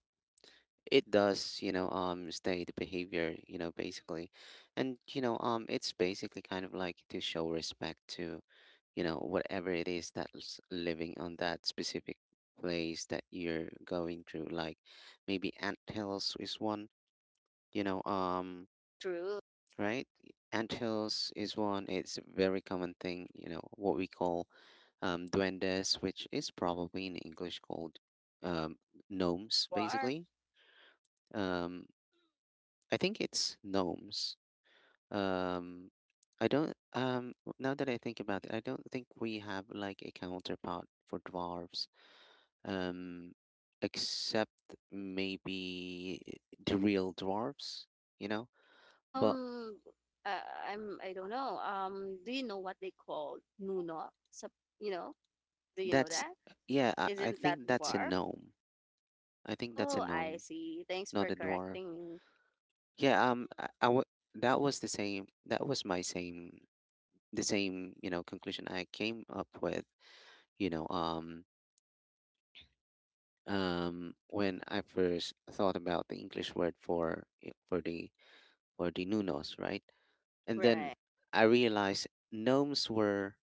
A: It does, stay the behavior, you know, basically. And it's basically kind of like to show respect to, whatever it is that's living on that specific place that you're going through. Like, maybe ant hills is one, you know, um,
B: True.
A: right? Anthills is one. It's a very common thing, you know, what we call duendes, which is probably in English called um, gnomes,
B: Dwarf.
A: basically. Um, I think it's gnomes. Um, I don't, now that I think about it, I don't think we have like a counterpart for dwarves, um, except maybe the real dwarves, you know? But
B: Um, uh, I'm I don't know. Do you know what they call Nuno? You know, do you know
A: that's,
B: that?
A: yeah, I
B: Isn't that
A: think that's a
B: dwarf?
A: gnome, I think that's a
B: Oh, I
A: gnome,
B: see. Thanks
A: not
B: for
A: a dwarf.
B: correcting me.
A: Yeah, that was the same. That was my same, the same, you know, conclusion I came up with. You know, um, when I first thought about the English word for for the Nunos, right? And then
B: Right,
A: I realized gnomes were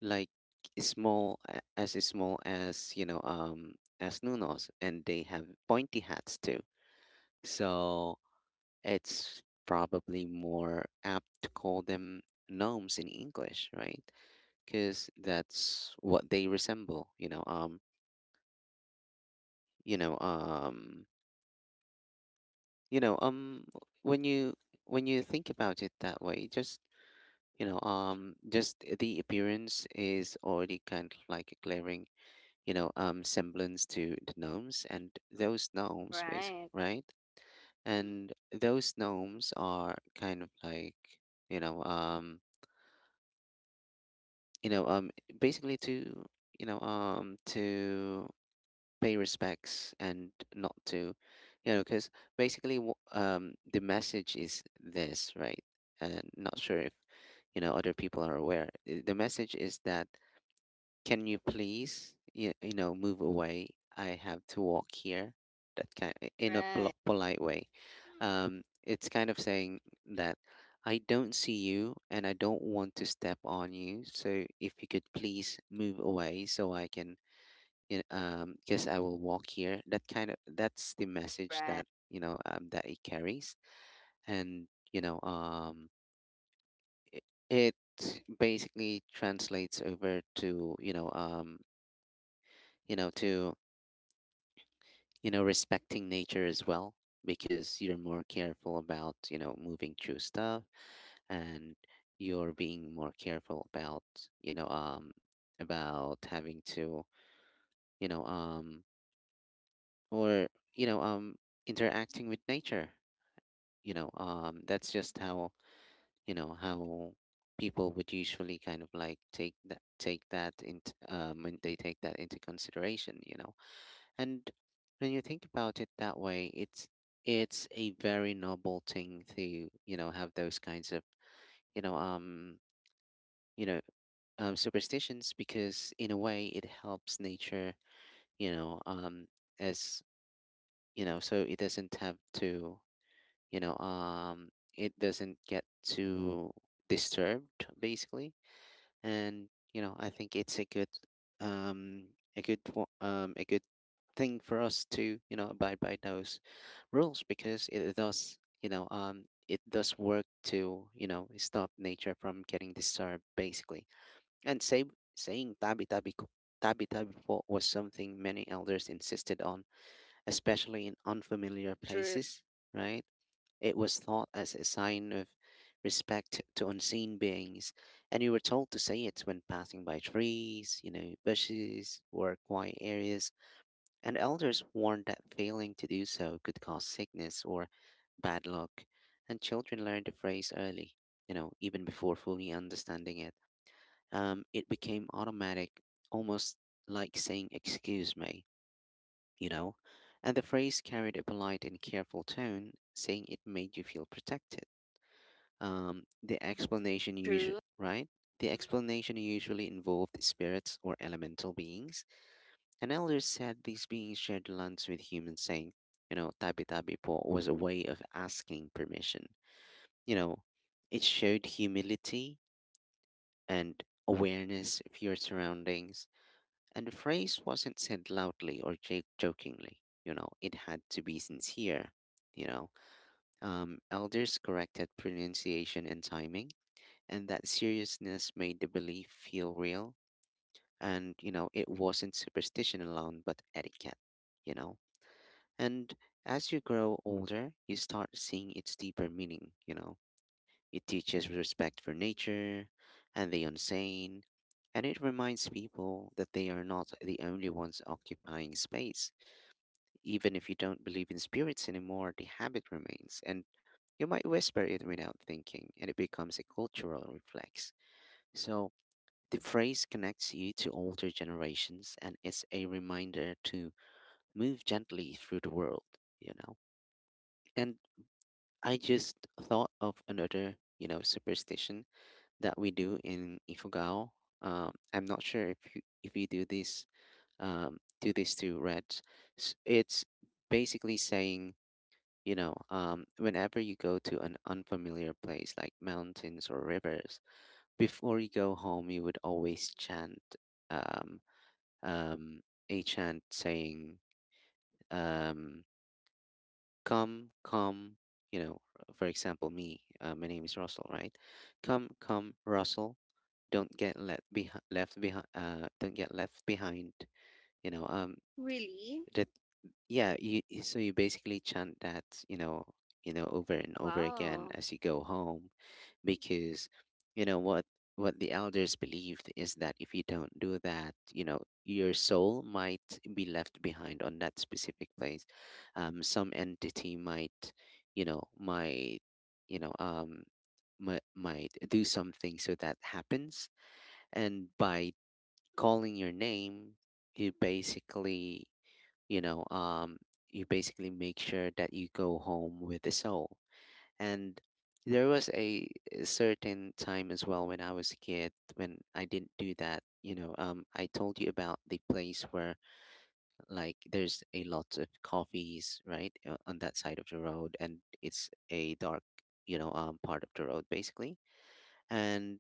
A: like small, as small as, as Nunos, and they have pointy hats too. So it's probably more apt to call them gnomes in English, right? Because that's what they resemble. You know, you know, you know, when you when you think about it that way, just just the appearance is already kind of like a glaring, semblance to the gnomes and those gnomes, basically,
B: right,
A: right? And those gnomes are kind of like, you know, um, you know um basically to to pay respects, and not to because basically the message is this, right? And not sure if other people are aware. The message is that, can you please you know, move away, I have to walk here, that kind in a
B: right,
A: polite way. It's kind of saying that I don't see you and I don't want to step on you, so if you could please move away so I can, guess I will walk here. That kind of, that's the message
B: right.
A: that that it carries. And it, it basically translates over to you know to respecting nature as well, because you're more careful about moving through stuff, and you're being more careful about you know um about having to you know um or you know um interacting with nature. That's just how how people would usually kind of like take that, take that into when they take that into consideration, you know. And when you think about it that way, it's a very noble thing to, you know, have those kinds of, you know, um, you know, superstitions, because in a way it helps nature, you know, um, as you know, so it doesn't have to, it doesn't get too disturbed basically. And you know, I think it's a good um a good a good thing for us to, you know, abide by those rules, because it does, it does work to, you know, stop nature from getting disturbed basically. And saying tabi tabi tabi tabi po was something many elders insisted on, especially in unfamiliar
B: True,
A: places, right? It was thought as a sign of respect to unseen beings, and we were told to say it when passing by trees, you know, bushes, or quiet areas. And elders warned that failing to do so could cause sickness or bad luck, and children learned the phrase early, you know, even before fully understanding it. It became automatic, almost like saying, excuse me, you know, and the phrase carried a polite and careful tone, saying it made you feel protected. The explanation usually
B: true.
A: right, the explanation usually involved spirits or elemental beings, and elders said these beings shared lunch with humans. Saying, you know, tabi tabi po was a way of asking permission, you know, it showed humility and awareness of your surroundings. And the phrase wasn't said loudly or jokingly, you know, it had to be sincere, you know. Um, elders corrected pronunciation and timing, and that seriousness made the belief feel real. And, you know, it wasn't superstition alone, but etiquette, you know? And as you grow older, you start seeing its deeper meaning, you know? It teaches respect for nature and the unseen, and it reminds people that they are not the only ones occupying space. Even if you don't believe in spirits anymore, the habit remains, and you might whisper it without thinking, and it becomes a cultural reflex. So, the phrase connects you to older generations, and it's a reminder to move gently through the world, you know. And I just thought of another, you know, superstition that we do in Ifugao. I'm not sure if you do this to Reds. It's basically saying, whenever you go to an unfamiliar place like mountains or rivers, before you go home, you would always chant. Um, um, a chant saying, um, come, come, you know, for example, me, my name is Russell, right? Come, come, Russell, don't get let left behind, don't get left behind, you know,
B: Really?
A: that yeah, so you basically chant that, you know, you know, over and over again
B: Wow,
A: as you go home. Because you know what the elders believed is that if you don't do that, you know, your soul might be left behind on that specific place. Um, some entity might, might, you know um might, do something so that happens. And by calling your name, you basically, you know um you basically make sure that you go home with a soul. And there was a certain time as well when I was a kid, when I didn't do that. You know, um, I told you about the place where like there's a lot of coffees, right? On that side of the road, and it's a dark, part of the road basically. And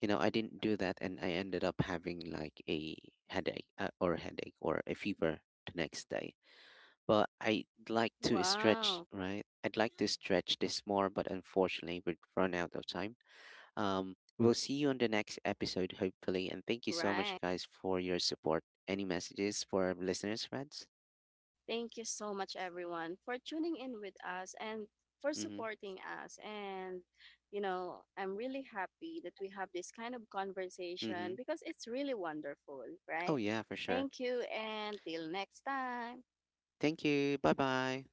A: you know, I didn't do that, and I ended up having like a headache, or a fever the next day. But I'd like to stretch,
B: wow.
A: right? I'd like to stretch this more, but unfortunately, we've run out of time. We'll see you on the next episode, hopefully. And thank you so much,
B: Right.
A: guys, for your support. Any messages for our listeners, friends?
B: Thank you so much, everyone, for tuning in with us and for
A: Mm
B: supporting us. And, you know, I'm really happy that we have this kind of
A: hmm. Mm
B: conversation
A: hmm.
B: because it's really wonderful,
A: Oh,
B: right?
A: yeah, for sure.
B: Thank you, and till next time.
A: Thank you. Bye bye.